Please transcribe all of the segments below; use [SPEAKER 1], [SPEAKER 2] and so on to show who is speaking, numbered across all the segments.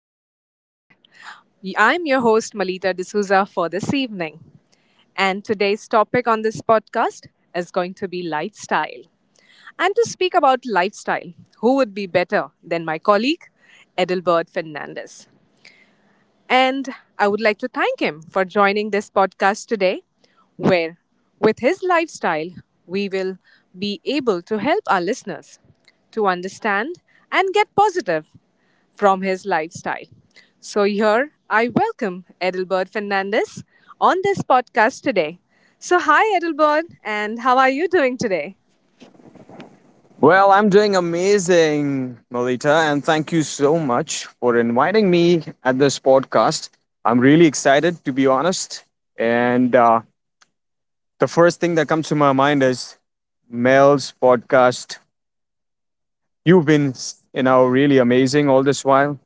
[SPEAKER 1] to podcast. I'm your host Malita D'Souza for this evening. And today's topic on this podcast is going to be lifestyle. And to speak about lifestyle, who would be better than my colleague Edelbert Fernandez? And I would like to thank him for joining this podcast today, where with his lifestyle, we will be able to help our listeners to understand and get positive from his lifestyle. So, here I welcome Edelbert Fernandez on this podcast today. So, hi, Edelbert, and how are you doing today?
[SPEAKER 2] Well, I'm doing amazing, Melita, and thank you so much for inviting me at this podcast. I'm really excited, to be honest. And The first thing that comes to my mind is Mel's podcast. You've been, you know, really amazing all this while.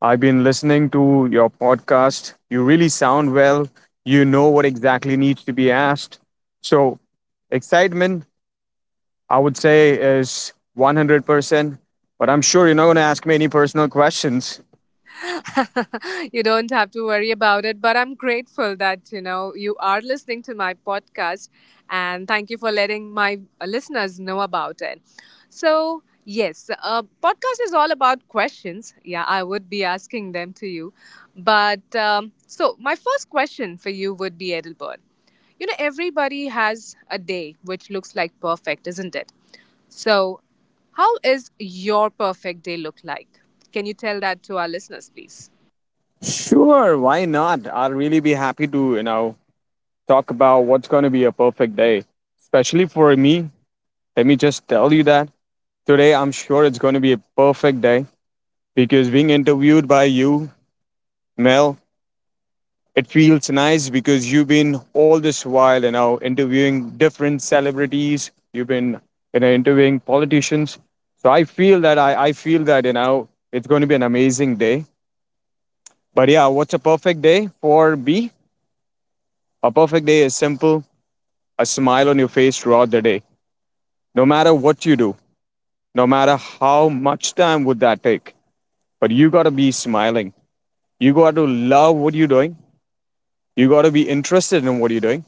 [SPEAKER 2] I've been listening to your podcast. You really sound well. You know what exactly needs to be asked. So, excitement I would say is 100%. But I'm sure you're not going to ask me any personal questions.
[SPEAKER 1] You don't have to worry about it. But I'm grateful that, you know, you are listening to my podcast. And thank you for letting my listeners know about it. So, yes, podcast is all about questions. Yeah, I would be asking them to you. But so, my first question for you would be Edelbert. You know, everybody has a day which looks like perfect, isn't it? So, how is your perfect day look like? Can you tell that to our listeners, please?
[SPEAKER 2] Sure, why not? I'll really be happy to, talk about what's going to be a perfect day, especially for me. Let me just tell you that today I'm sure it's going to be a perfect day because being interviewed by you, Mel. It feels nice because you've been all this while, interviewing different celebrities. You've been, you know, interviewing politicians. So I feel that it's going to be an amazing day. But yeah, what's a perfect day for me? A perfect day is simple: a smile on your face throughout the day, no matter what you do, no matter how much time would that take. But you got to be smiling. You got to love what you're doing. You got to be interested in what you're doing.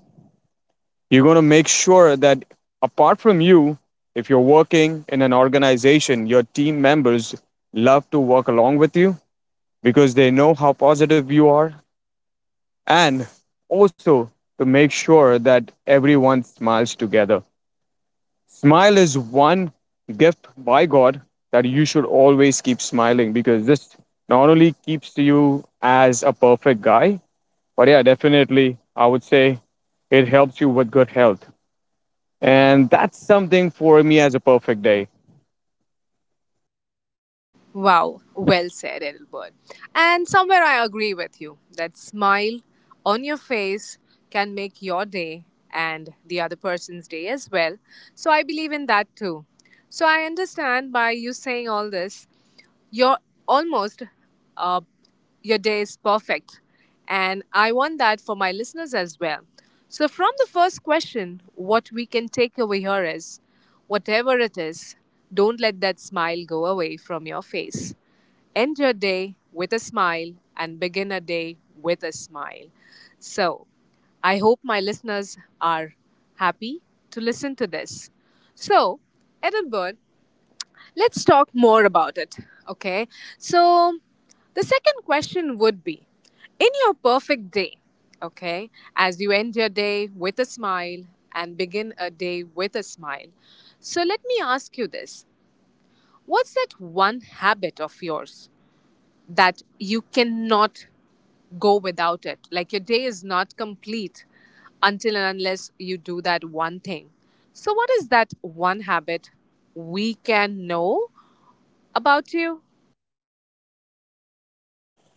[SPEAKER 2] You're going to make sure that apart from you, if you're working in an organization, your team members love to work along with you because they know how positive you are. And also, to make sure that everyone smiles together. Smile is one gift by God, that you should always keep smiling because this not only keeps you as a perfect guy, but yeah, definitely, I would say it helps you with good health. And that's something for me as a perfect day.
[SPEAKER 1] Wow, well said, Edelbert. And somewhere I agree with you that smile on your face can make your day and the other person's day as well. So I believe in that too. So I understand by you saying all this, your almost, uh, your day is perfect. And I want that for my listeners as well. So, from the first question, what we can take away here is whatever it is, don't let that smile go away from your face. End your day with a smile and begin a day with a smile. So, I hope my listeners are happy to listen to this. So, Edinburgh, let's talk more about it. Okay. So, the second question would be, in your perfect day, okay, as you end your day with a smile and begin a day with a smile. So, let me ask you this, what's that one habit of yours that you cannot go without it? Like, your day is not complete until and unless you do that one thing. So, what is that one habit we can know about you?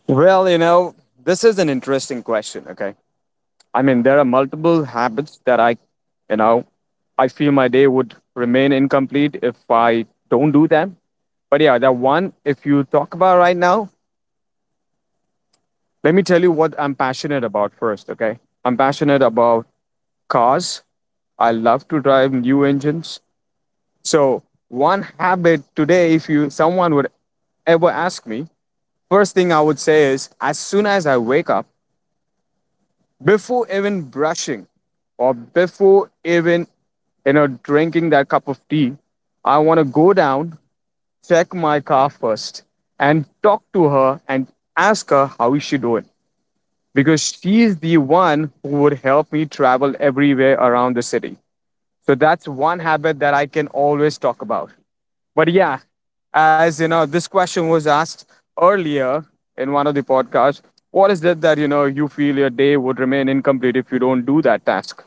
[SPEAKER 2] Well, this is an interesting question, okay? I mean, there are multiple habits that you know, I feel my day would remain incomplete if I don't do them. But yeah, that one, if you talk about right now, let me tell you what I'm passionate about first, okay? I'm passionate about cars. I love to drive new engines. So, one habit today, if you someone would ever ask me, first thing I would say is as soon as I wake up, before even brushing or before even drinking that cup of tea, I want to go down, check my car first, and talk to her and ask her how is she doing, because she is the one who would help me travel everywhere around the city. So that's one habit that I can always talk about. But yeah, as you know, this question was asked earlier in one of the podcasts: what is it that you feel your day would remain incomplete if you don't do that task?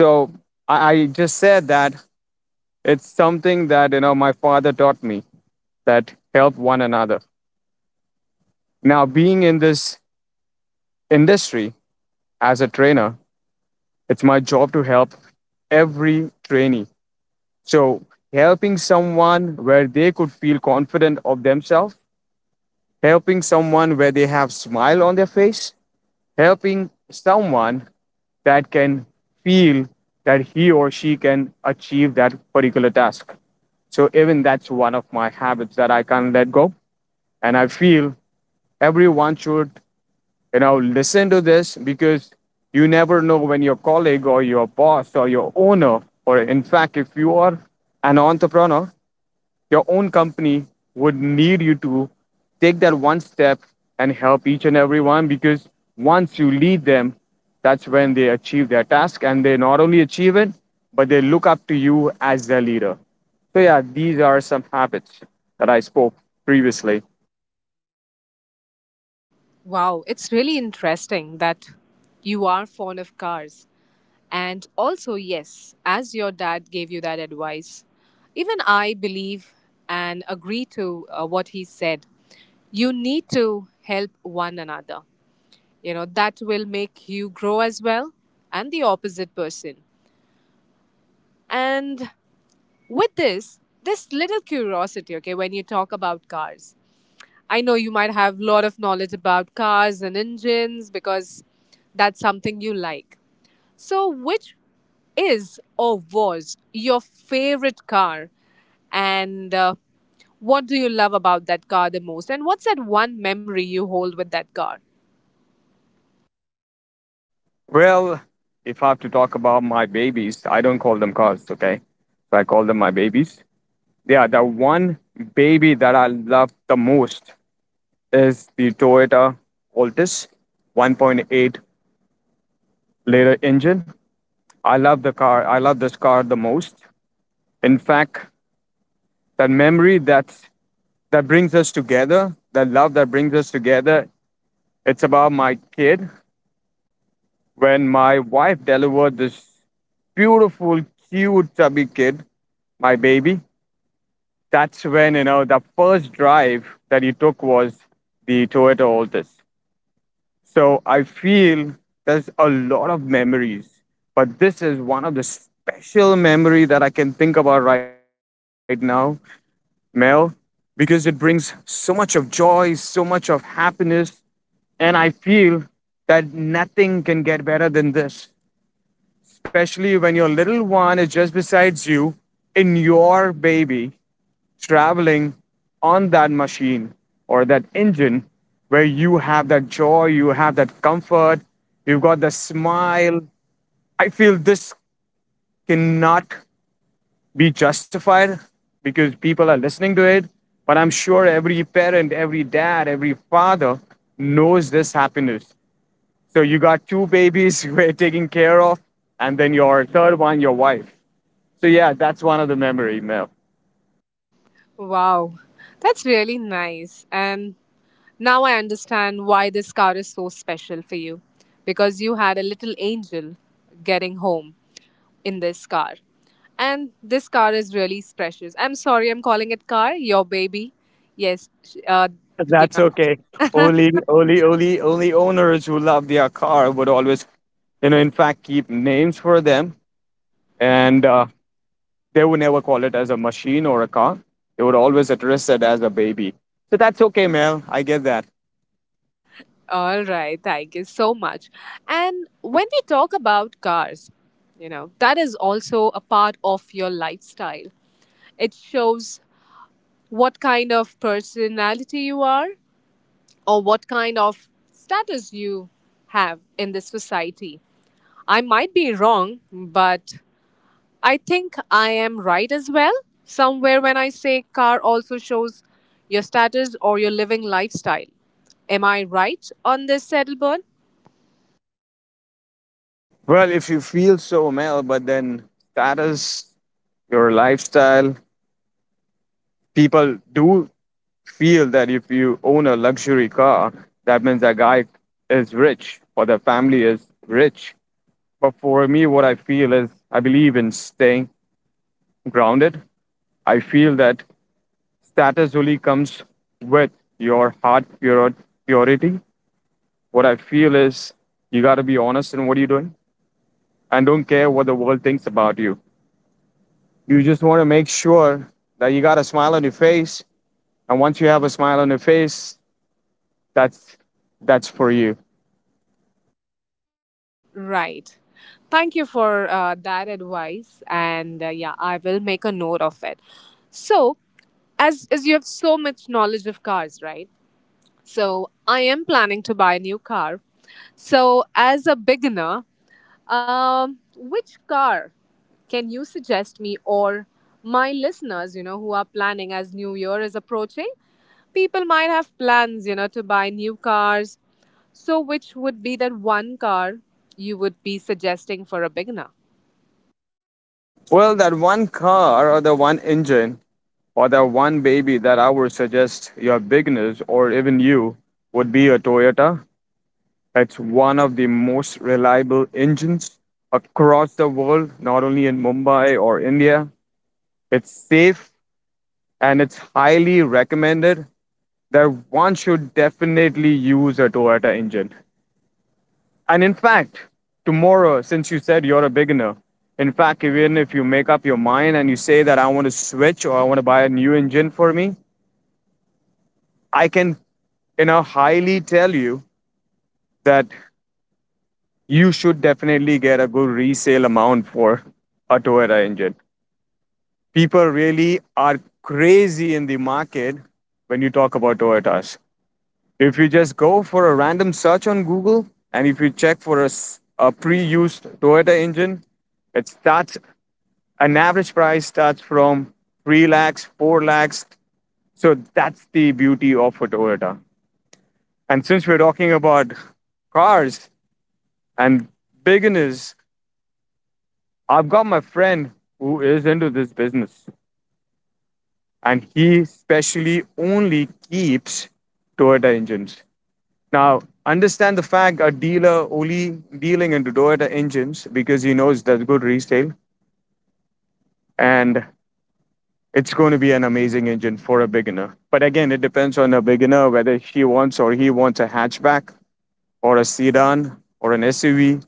[SPEAKER 2] So I just said that it's something that my father taught me, that help one another. Now, being in this industry as a trainer, it's my job to help every trainee. So, helping someone where they could feel confident of themselves, helping someone where they have smile on their face, helping someone that can feel that he or she can achieve that particular task. So, even that's one of my habits that I can't let go. And I feel everyone should, listen to this, because you never know when your colleague or your boss or your owner, or in fact if you are an entrepreneur, your own company, would need you to take that one step and help each and every one. Because once you lead them, that's when they achieve their task, and they not only achieve it, but they look up to you as their leader. So, yeah, these are some habits that I spoke previously.
[SPEAKER 1] Wow, it's really interesting that you are fond of cars. And also, yes, as your dad gave you that advice, even I believe and agree to what he said. You need to help one another. You know, that will make you grow as well and the opposite person. And with this, this little curiosity, okay, when you talk about cars, I know you might have a lot of knowledge about cars and engines because that's something you like. So, which is or was your favorite car? And what do you love about that car the most? And what's that one memory you hold with that car?
[SPEAKER 2] Well, if I have to talk about my babies, I don't call them cars, okay? So I call them my babies. They are the one baby that I love the most is the Toyota Altis 1.8 liter engine. I love the car. I love this car the most. In fact, that memory that brings us together, that love that brings us together, it's about my kid. When my wife delivered this beautiful, cute, chubby kid, my baby, that's when the first drive that he took was the Toyota Altis. So I feel there's a lot of memories, but this is one of the special memory that I can think about right now, Mel, because it brings so much of joy, so much of happiness, and I feel that nothing can get better than this. Especially when your little one is just beside you, in your baby, traveling on that machine or that engine, where you have that joy, you have that comfort, you've got the smile. I feel this cannot be justified because people are listening to it. But I'm sure every parent, every dad, every father knows this happiness. So you got two babies we're taking care of, and then your third one, your wife. So yeah, that's one of the memory, Mel.
[SPEAKER 1] Wow, that's really nice. And now I understand why this car is so special for you because you had a little angel getting home in this car. And this car is really precious. I'm sorry, I'm calling it car, your baby. Yes, you
[SPEAKER 2] That's
[SPEAKER 1] know.
[SPEAKER 2] okay. Only owners who love their car would always, in fact, keep names for them, and they would never call it as a machine or a car. They would always address it as a baby. So that's okay, Mel. I get that.
[SPEAKER 1] All right, thank you so much. And when we talk about cars, you know, that is also a part of your lifestyle. It shows what kind of personality you are or what kind of status you have in this society. I might be wrong, but I think I am right as well. Somewhere when I say car also shows your status or your living lifestyle. Am I right on this, Settleburn?
[SPEAKER 2] Well, if you feel so, Mel, but then status, your lifestyle, people do feel that if you own a luxury car, that means that guy is rich or the family is rich. But for me, what I feel is I believe in staying grounded. I feel that status only comes with your heart pure, purity. What I feel is you got to be honest in what you're doing, and don't care what the world thinks about you. You just want to make sure that you got a smile on your face. And once you have a smile on your face, that's that's for you.
[SPEAKER 1] Right. Thank you for that advice. And yeah, I will make a note of it. So, as you have so much knowledge of cars, right? So, I am planning to buy a new car. So, as a beginner, which car can you suggest me or my listeners, you know, who are planning as New Year is approaching? People might have plans, you know, to buy new cars. So, which would be that one car you would be suggesting for a beginner?
[SPEAKER 2] Well, that one car or the one engine or that one baby that I would suggest your beginners or even you would be a Toyota. It's one of the most reliable engines across the world, not only in Mumbai or India. It's safe and it's highly recommended that one should definitely use a Toyota engine. And in fact, tomorrow, since you said you're a beginner, in fact, even if you make up your mind and you say that I want to switch or I want to buy a new engine for me, I can, highly tell you that you should definitely get a good resale amount for a Toyota engine. People really are crazy in the market when you talk about Toyotas. If you just go for a random search on Google and if you check for a pre used Toyota engine, it starts, an average price starts from 3 lakhs, 4 lakhs. So that's the beauty of a Toyota. And since we're talking about cars, and beginners, I've got my friend who is into this business, and he specially only keeps Toyota engines. Now, understand the fact, a dealer only dealing into Toyota engines because he knows that's good resale, and it's going to be an amazing engine for a beginner. But again, it depends on a beginner whether she wants or he wants a hatchback or a sedan or an SUV.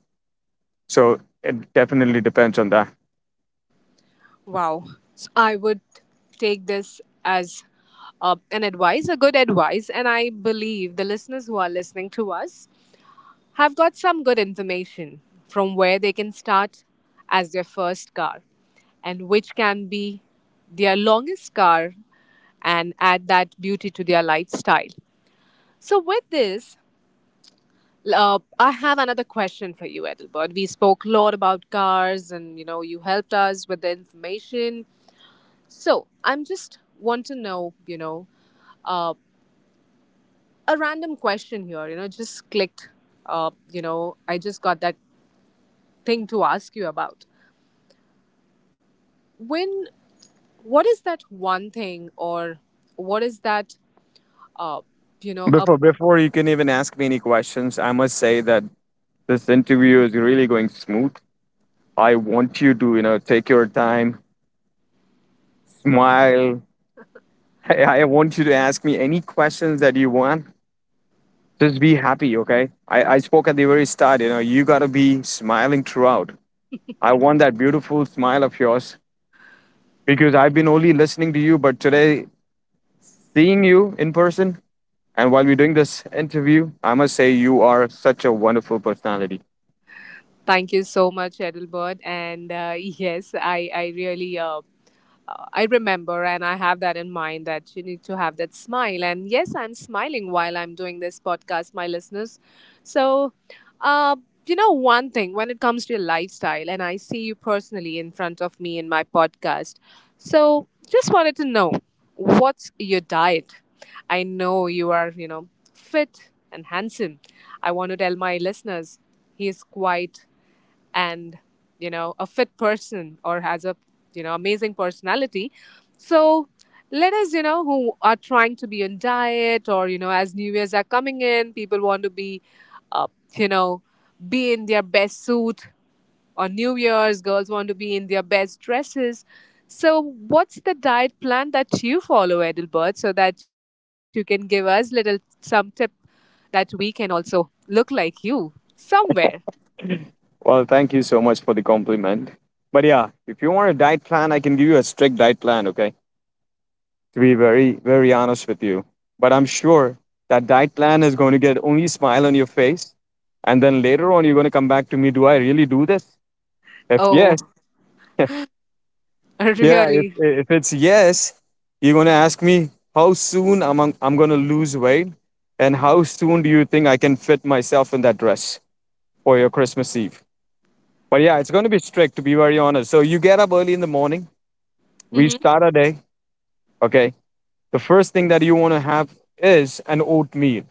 [SPEAKER 2] So it definitely depends on that.
[SPEAKER 1] Wow. So I would take this as an advice, a good advice. And I believe the listeners who are listening to us have got some good information from where they can start as their first car and which can be their longest car and add that beauty to their lifestyle. So, with this, I have another question for you, Edelbert. We spoke a lot about cars, and you know, you helped us with the information. So, I'm just want to know, you know, uh, a random question here. You know, just clicked. You know, I just got that thing to ask you about. When what is that one thing or what is that uh you know a
[SPEAKER 2] Before you can even ask me any questions, I must say that this interview is really going smooth. I want you to, take your time, smile. I want you to ask me any questions that you want. Just be happy, okay? I spoke at the very start, you gotta be smiling throughout. I want that beautiful smile of yours, because I've been only listening to you, but today, seeing you in person and while we're doing this interview, I must say you are such a wonderful personality.
[SPEAKER 1] thank you so much Edelbert. And yes I really I remember and I have that in mind that you need to have that smile. And yes, I'm smiling while I'm doing this podcast, my listeners. So, uh, you know, one thing when it comes to your lifestyle, and I see you personally in front of me in my podcast. So, just wanted to know, what's your diet? I know you are, you know, fit and handsome. I want to tell my listeners he is quite and you know a fit person or has a you know amazing personality. So, let us, you know, who are trying to be on diet or you know as new years are coming in people want to be uh, you know be in their best suit on new years, girls want to be in their best dresses. So what's the diet plan that you follow, Edelbert, so that you can give us little some tip that we can also look like you somewhere.
[SPEAKER 2] Well, thank you so much for the compliment. But yeah, if you want a diet plan, I can give you a strict diet plan, okay? To be very, very honest with you. But I'm sure that diet plan is going to get only smile on your face. And then later on, you're going to come back to me. Do I really do this? If yes,
[SPEAKER 1] Oh,
[SPEAKER 2] yeah, if,
[SPEAKER 1] really?
[SPEAKER 2] if it's yes, you're going to ask me how soon I'm going to lose weight, and how soon do you think I can fit myself in that dress for your Christmas Eve? But yeah, it's going to be strict, to be very honest. So you get up early in the morning, we
[SPEAKER 1] Hmm.
[SPEAKER 2] start our day. Okay, the first thing that you want to have is an oatmeal.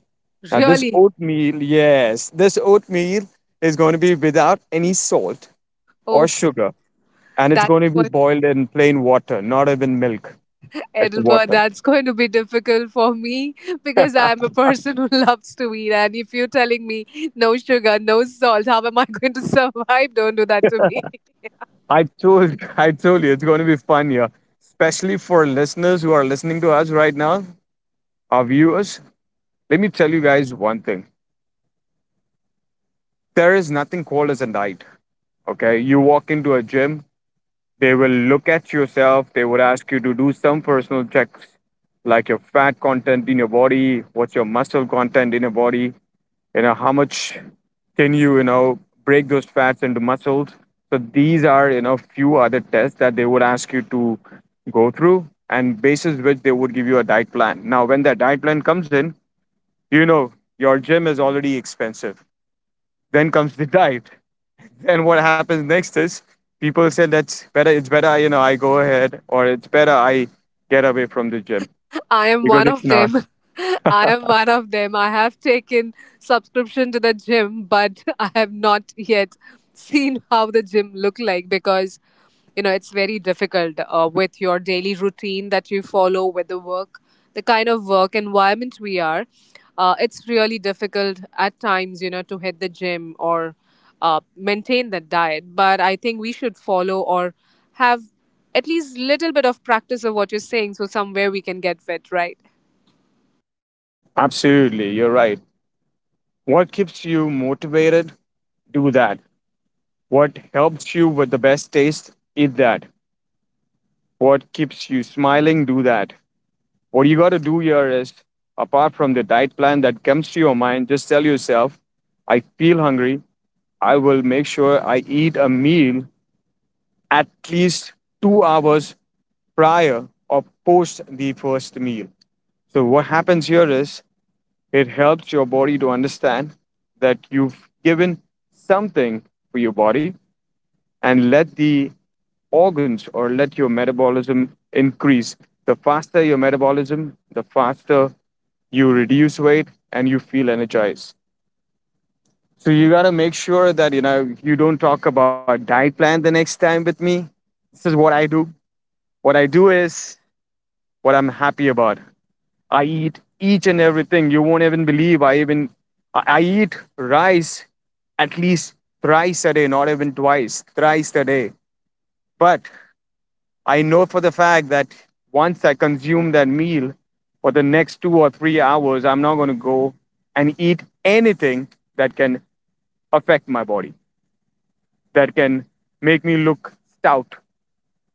[SPEAKER 2] Now this
[SPEAKER 1] Really?
[SPEAKER 2] oatmeal, yes, this oatmeal is going to be without any salt or
[SPEAKER 1] Oh,
[SPEAKER 2] sugar, and it's
[SPEAKER 1] that's
[SPEAKER 2] going to be
[SPEAKER 1] going to,
[SPEAKER 2] boiled in plain water, not even milk. It's
[SPEAKER 1] Edinburgh,
[SPEAKER 2] water.
[SPEAKER 1] that's going to be difficult for me because I'm a person who loves to eat. And if you're telling me no sugar, no salt, how am I going to survive? Don't do that to me.
[SPEAKER 2] I told I told you it's going to be fun here, especially for listeners who are listening to us right now, our viewers. Let me tell you guys one thing. There is nothing called as a diet. Okay, you walk into a gym. They will look at yourself. They would ask you to do some personal checks, like your fat content in your body, what's your muscle content in your body, how much can you, break those fats into muscles. So these are, few other tests that they would ask you to go through and basis which they would give you a diet plan. Now, when that diet plan comes in, your gym is already expensive. Then comes the diet. Then what happens next is people say that's better. It's better, I go ahead, or it's better I get away from the gym
[SPEAKER 1] I am
[SPEAKER 2] because
[SPEAKER 1] one
[SPEAKER 2] it's
[SPEAKER 1] of
[SPEAKER 2] not.
[SPEAKER 1] them. I am one of them. I have taken subscription to the gym, but I have not yet seen how the gym look like because you know it's very difficult with your daily routine that you follow with the work, the kind of work environment we are. It's really difficult at times, you know, to hit the gym or maintain the diet. But I think we should follow or have at least little bit of practice of what you're saying, so somewhere we can get fit, right?
[SPEAKER 2] Absolutely, you're right. What keeps you motivated? Do that. What helps you with the best taste? Eat that. What keeps you smiling? Do that. What you got to do here is, apart from the diet plan that comes to your mind, just tell yourself, I feel hungry. I will make sure I eat a meal at least 2 hours prior or post the first meal. So, what happens here is it helps your body to understand that you've given something for your body and let the organs or let your metabolism increase. The faster your metabolism, the faster you reduce weight and you feel energized. So you got to make sure that you don't talk about diet plan the next time with me. This is what I do. What I do is what I'm happy about. I eat each and everything. You won't even believe. I even I eat rice at least thrice a day, not even twice, thrice a day. But I know for the fact that once I consume that meal for the next 2 or 3 hours, I'm not going to go and eat anything that can affect my body, that can make me look stout,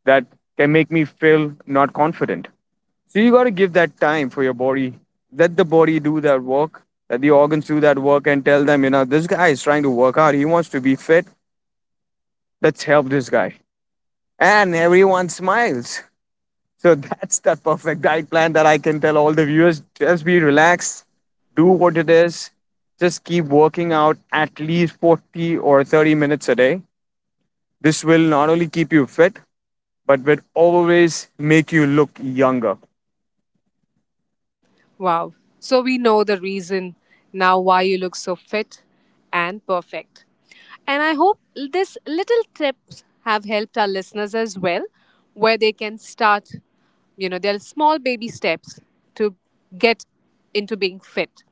[SPEAKER 2] that can make me feel not confident. So you got to give that time for your body. Let the body do that work. Let the organs do that work and tell them, this guy is trying to work out. He wants to be fit. Let's help this guy. And everyone smiles. So that's that perfect diet plan that I can tell all the viewers. Just be relaxed, do what it is. Just keep working out at least 40 or 30 minutes a day. This will not only keep you fit, but will always make you look younger.
[SPEAKER 1] Wow, so we know the reason now why you look so fit and perfect. And I hope this little tips have helped our listeners as well, where they can start, you know, their small baby steps to get into being fit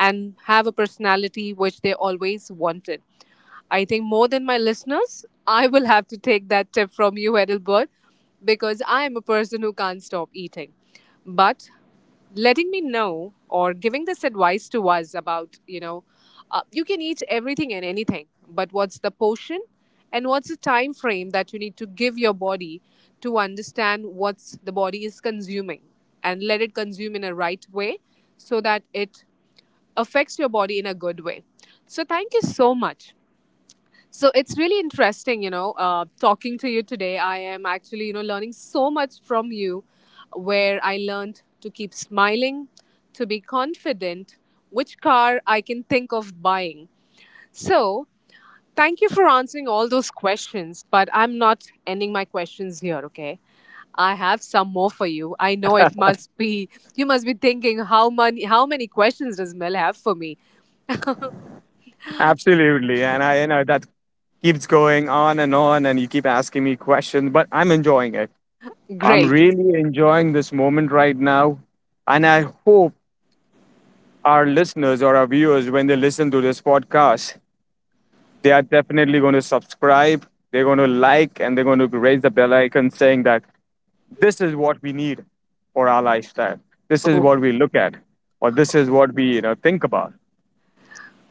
[SPEAKER 1] and have a personality which they always wanted. I think more than my listeners, I will have to take that tip from you, Edelbert, because I am a person who can't stop eating. But letting me know or giving this advice to us about, you know, you can eat everything and anything, but what's the portion and what's the time frame that you need to give your body to understand what's the body is consuming and let it consume in a right way so that it affects your body in a good way. So thank you so much. So it's really interesting, you know, talking to you today. I am actually, you know, learning so much from you, where I learned to keep smiling, to be confident, which car I can think of buying. So thank you for answering all those questions. But I'm not ending my questions here, okay? I have some more for you. I know it must be, you must be thinking how many questions does Mel have for me?
[SPEAKER 2] Absolutely. And I, that keeps going on, and you keep asking me questions, but I'm enjoying it. I'm
[SPEAKER 1] Great.
[SPEAKER 2] really enjoying this moment right now. And I hope our listeners or our viewers, when they listen to this podcast, they are definitely going to subscribe, they're going to like, and they're going to raise the bell icon saying that this is what we need for our lifestyle. This is
[SPEAKER 1] Oh,
[SPEAKER 2] what we look at, or this is what we, think about.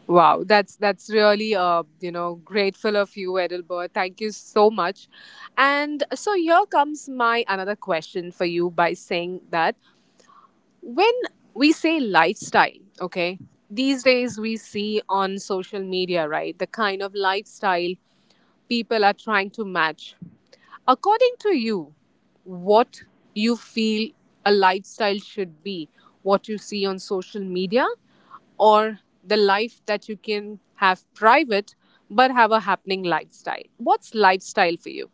[SPEAKER 1] wow, that's really you know grateful of you, Edelbert. Thank you so much. And so here comes my another question for you by saying that when we say lifestyle, okay, these days we see on social media, right, the kind of lifestyle people are trying to match. According to you, what you feel a lifestyle should be, what you see on social media, or the life that you can have private but have a happening lifestyle? What's lifestyle for you?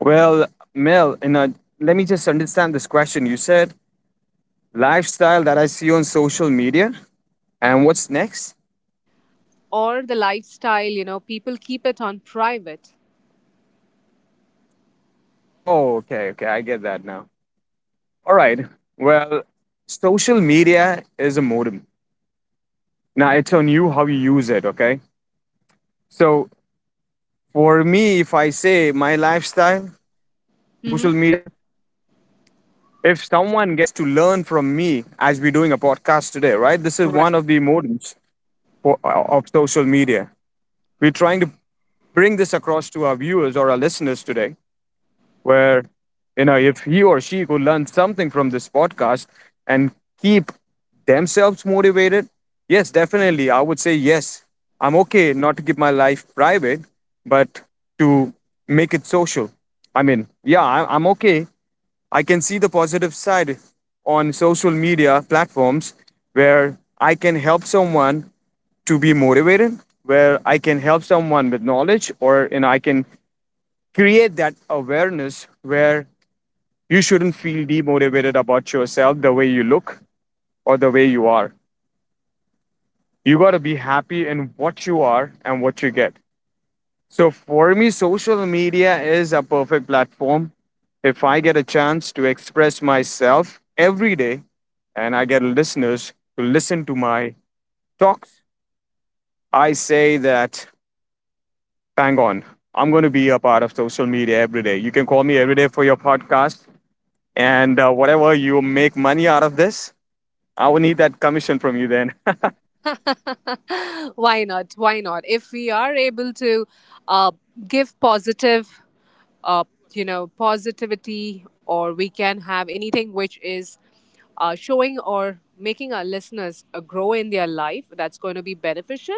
[SPEAKER 2] Well, Mel, let me just understand this question. You said lifestyle that I see on social media. And what's next?
[SPEAKER 1] Or the lifestyle, you know, people keep it on private.
[SPEAKER 2] Oh, okay, okay, I get that now. All right. Well, social media is a modem. Now it's on you how you use it, okay? So for me, if I say my lifestyle on social
[SPEAKER 1] Hmm.
[SPEAKER 2] media, if someone gets to learn from me as we're doing a podcast today, right? This is one of the modems for, of social media. We're trying to bring this across to our viewers or our listeners today where if he or she could learn something from this podcast and keep themselves motivated, yes, definitely I would say yes. I'm okay not to keep my life private, but to make it social. I mean, yeah, I'm okay. I can see the positive side on social media platforms where I can help someone to be motivated, where I can help someone with knowledge, or I can create that awareness where you shouldn't feel demotivated about yourself, the way you look, or the way you are. You got to be happy in what you are and what you get. So for me, social media is a perfect platform. If I get a chance to express myself every day and I get listeners to listen to my talks, I say that, bang on, I'm going to be a part of social media every day. You can call me every day for your podcast. And whatever you make money out of this, I will need that commission from you then.
[SPEAKER 1] Why not? Why not? If we are able to uh, give positive, uh, you know, positivity, or we can have anything which is showing or making our listeners grow in their life, that's going to be beneficial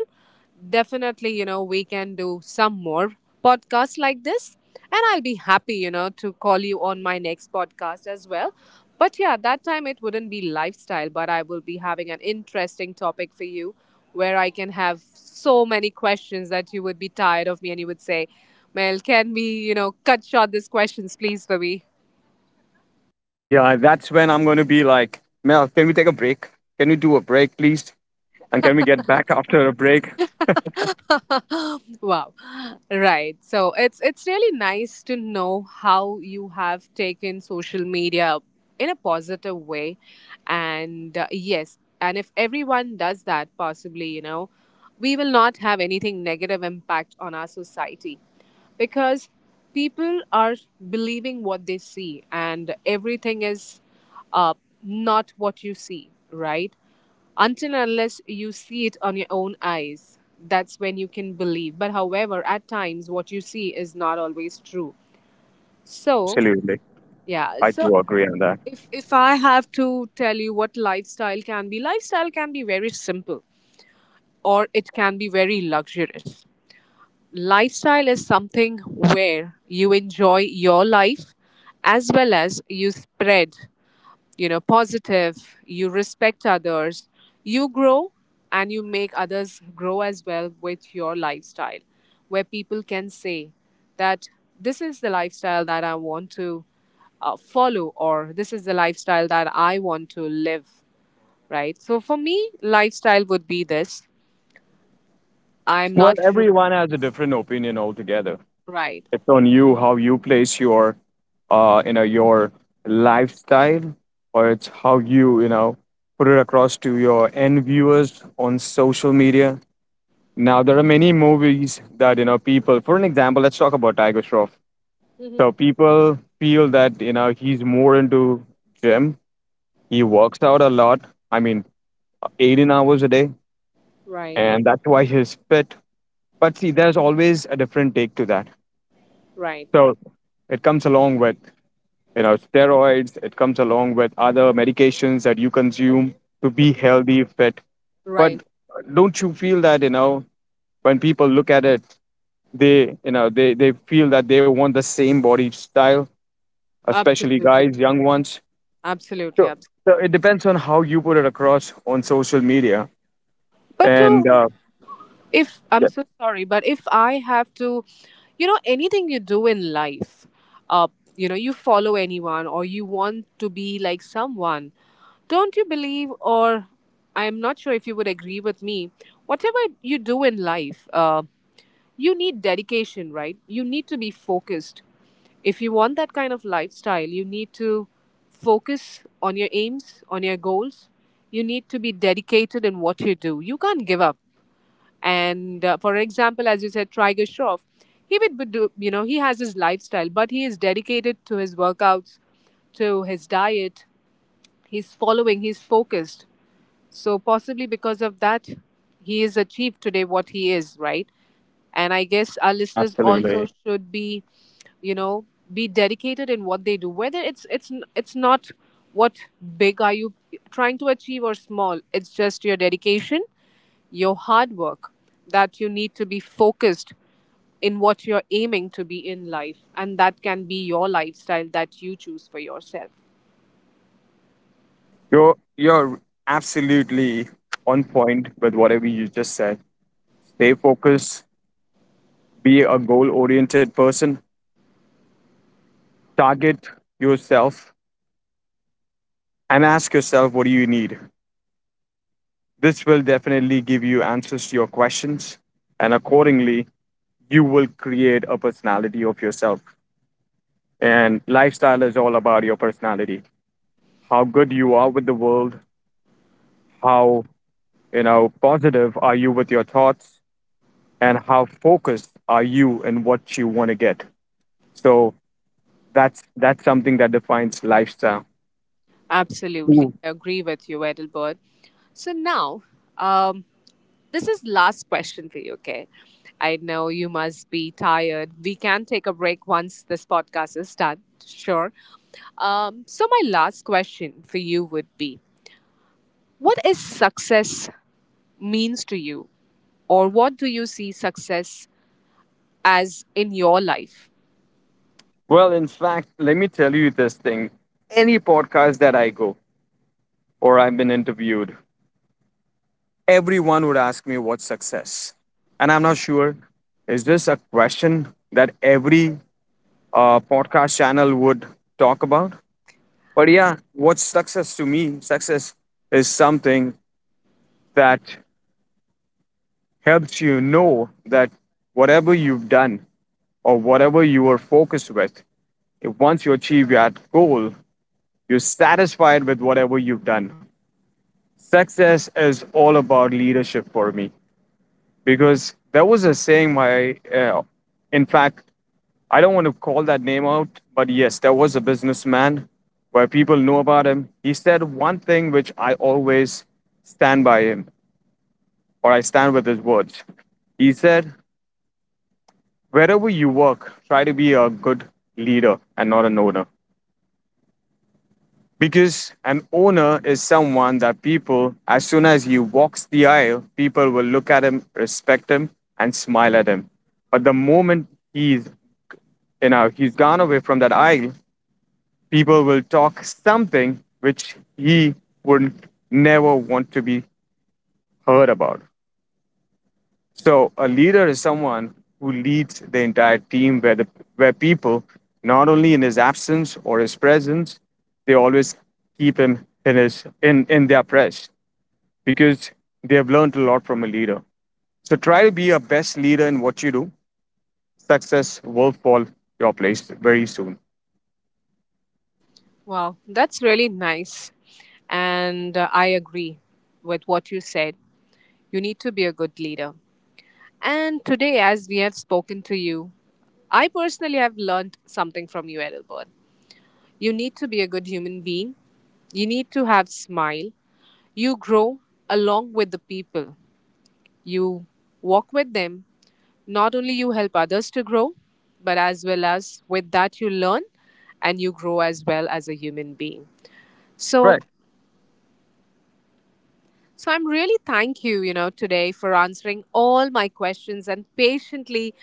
[SPEAKER 1] definitely, you know, we can do some more podcasts like this. And I'll be happy, you know, to call you on my next podcast as well. But yeah, that time it wouldn't be lifestyle, but I will be having an interesting topic for you where I can have so many questions that you would be tired of me and you would say, Mel, can we, cut short these questions, please, for me?
[SPEAKER 2] Yeah, that's when I'm going to be like, Mel, can we take a break? Can we do a break, please? And can we get back after a break?
[SPEAKER 1] Wow. Right. So it's really nice to know how you have taken social media in a positive way and yes, and if everyone does that possibly, you know, we will not have anything negative impact on our society because people are believing what they see and everything is uh, not what you see, right? Until unless you see it on your own eyes, that's when you can believe. But however, at times what you see is not always true. So
[SPEAKER 2] Absolutely.
[SPEAKER 1] yeah,
[SPEAKER 2] I
[SPEAKER 1] so
[SPEAKER 2] do agree on that.
[SPEAKER 1] if I have to tell you what lifestyle can be, lifestyle can be very simple or it can be very luxurious. Lifestyle is something where you enjoy your life as well as you spread, you know, positive, you respect others, you grow, and you make others grow as well with your lifestyle, where people can say that this is the lifestyle that I want to follow, or this is the lifestyle that I want to live. Right, so for me lifestyle would be this. I'm
[SPEAKER 2] Well,
[SPEAKER 1] not sure.
[SPEAKER 2] everyone has a different opinion altogether.
[SPEAKER 1] Right.
[SPEAKER 2] It's on you how you place your, your lifestyle, or it's how you, put it across to your end viewers on social media. Now, there are many movies that, people, for an example, let's talk about Tiger Shroff. So
[SPEAKER 1] Hmm.
[SPEAKER 2] people feel that he's more into gym. He works out a lot. I mean, 18 hours a day,
[SPEAKER 1] Right.
[SPEAKER 2] and that's why he's fit. But see, there's always a different take to that.
[SPEAKER 1] Right.
[SPEAKER 2] So it comes along with steroids. It comes along with other medications that you consume to be healthy, fit. But
[SPEAKER 1] Right.
[SPEAKER 2] don't you feel that when people look at it, they feel that they want the same body style, especially
[SPEAKER 1] Absolutely.
[SPEAKER 2] guys, young ones.
[SPEAKER 1] Absolutely,
[SPEAKER 2] Sure. So
[SPEAKER 1] absolutely.
[SPEAKER 2] it depends on how you put it across on social media,
[SPEAKER 1] But
[SPEAKER 2] and
[SPEAKER 1] to, if I'm
[SPEAKER 2] yeah,
[SPEAKER 1] so sorry, but if I have to, you know, anything you do in life, uh you know, you follow anyone or you want to be like someone, don't you believe, or I'm not sure if you would agree with me, whatever you do in life, you need dedication, right? You need to be focused. If you want that kind of lifestyle, you need to focus on your aims, on your goals. You need to be dedicated in what you do. You can't give up. And for example, as you said, Tiger Shroff, he would be, do you know, he has his lifestyle, but he is dedicated to his workouts, to his diet. He's following, he's focused. So possibly because of that, he is achieved today what he is, right? And I guess our listeners
[SPEAKER 2] absolutely,
[SPEAKER 1] also should be, you know, be dedicated in what they do, whether it's not what big are you trying to achieve or small, it's just your dedication, your hard work, that you need to be focused in what you're aiming to be in life. And that can be your lifestyle that you choose for yourself.
[SPEAKER 2] you're absolutely on point with whatever you just said. Stay focused, be a goal-oriented person, target yourself, and ask yourself what do you need. This will definitely give you answers to your questions, and accordingly, you will create a personality of yourself. And lifestyle is all about your personality, how good you are with the world, how positive are you with your thoughts and how focused are you in what you want to get. So that's something that defines lifestyle.
[SPEAKER 1] Absolutely.
[SPEAKER 2] Ooh.
[SPEAKER 1] I agree with you, Edelbert. So now, um, this is last question for you, okay? I know you must be tired. We can take a break once this podcast is done, sure. So my last question for you would be, what is success means to you? Or what do you see success as in your life.
[SPEAKER 2] Well, in fact, let me tell you this thing. Any podcast that I go or I've been interviewed, everyone would ask me what's success. And I'm not sure, is this a question that every podcast channel would talk about? But yeah, what's success to me? Success is something that helps you know that whatever you've done or whatever you were focused with, if once you achieve that goal, you're satisfied with whatever you've done. Success is all about leadership for me because there was a saying my, in fact, I don't want to call that name out, but yes, there was a businessman where people know about him. He said one thing which I always stand by him or I stand with his words. He said, wherever you work, try to be a good leader and not an owner. Because an owner is someone that people, as soon as he walks the aisle, people will look at him, respect him, and smile at him. But the moment he's he's gone away from that aisle, people will talk something which he would never want to be heard about. So a leader is someone who leads the entire team where the where people, not only in his absence or his presence, they always keep him in in their press because they have learned a lot from a leader. So try to be a best leader in what you do. Success will fall your place very soon.
[SPEAKER 1] Wow, that's really nice. And I agree with what you said. You need to be a good leader. And today, as we have spoken to you, I personally have learned something from you, Edelbert. You need to be a good human being. You need to have smile. You grow along with the people. You walk with them. Not only you help others to grow, but as well as with that you learn and you grow as well as a human being. So,
[SPEAKER 2] Correct.
[SPEAKER 1] so I'm really thank you, you know, today for answering all my questions and patiently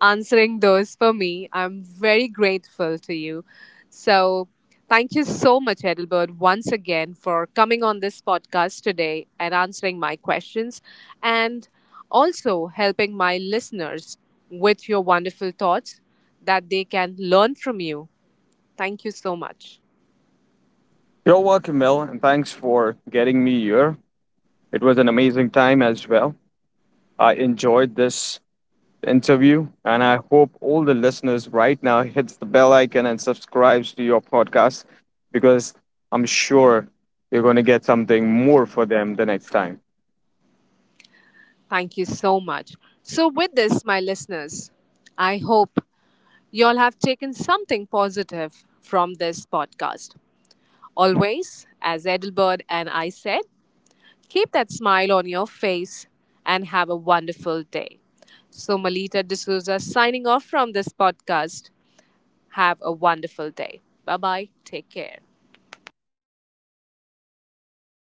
[SPEAKER 1] answering those for me. I'm very grateful to you. So, thank you so much, Edelbert, once again for coming on this podcast today and answering my questions and also helping my listeners with your wonderful thoughts that they can learn from you. Thank you so much.
[SPEAKER 2] You're welcome, Mel, and thanks for getting me here. It was an amazing time as well. I enjoyed this interview. And I hope all the listeners right now hits the bell icon and subscribes to your podcast because I'm sure you're going to get something more for them the next time.
[SPEAKER 1] Thank you so much. So, with this, my listeners, I hope you all have taken something positive from this podcast. Always, as Edelbert and I said, keep that smile on your face and have a wonderful day. So, Malita D'Souza signing off from this podcast. Have a wonderful day. Bye bye. Take care.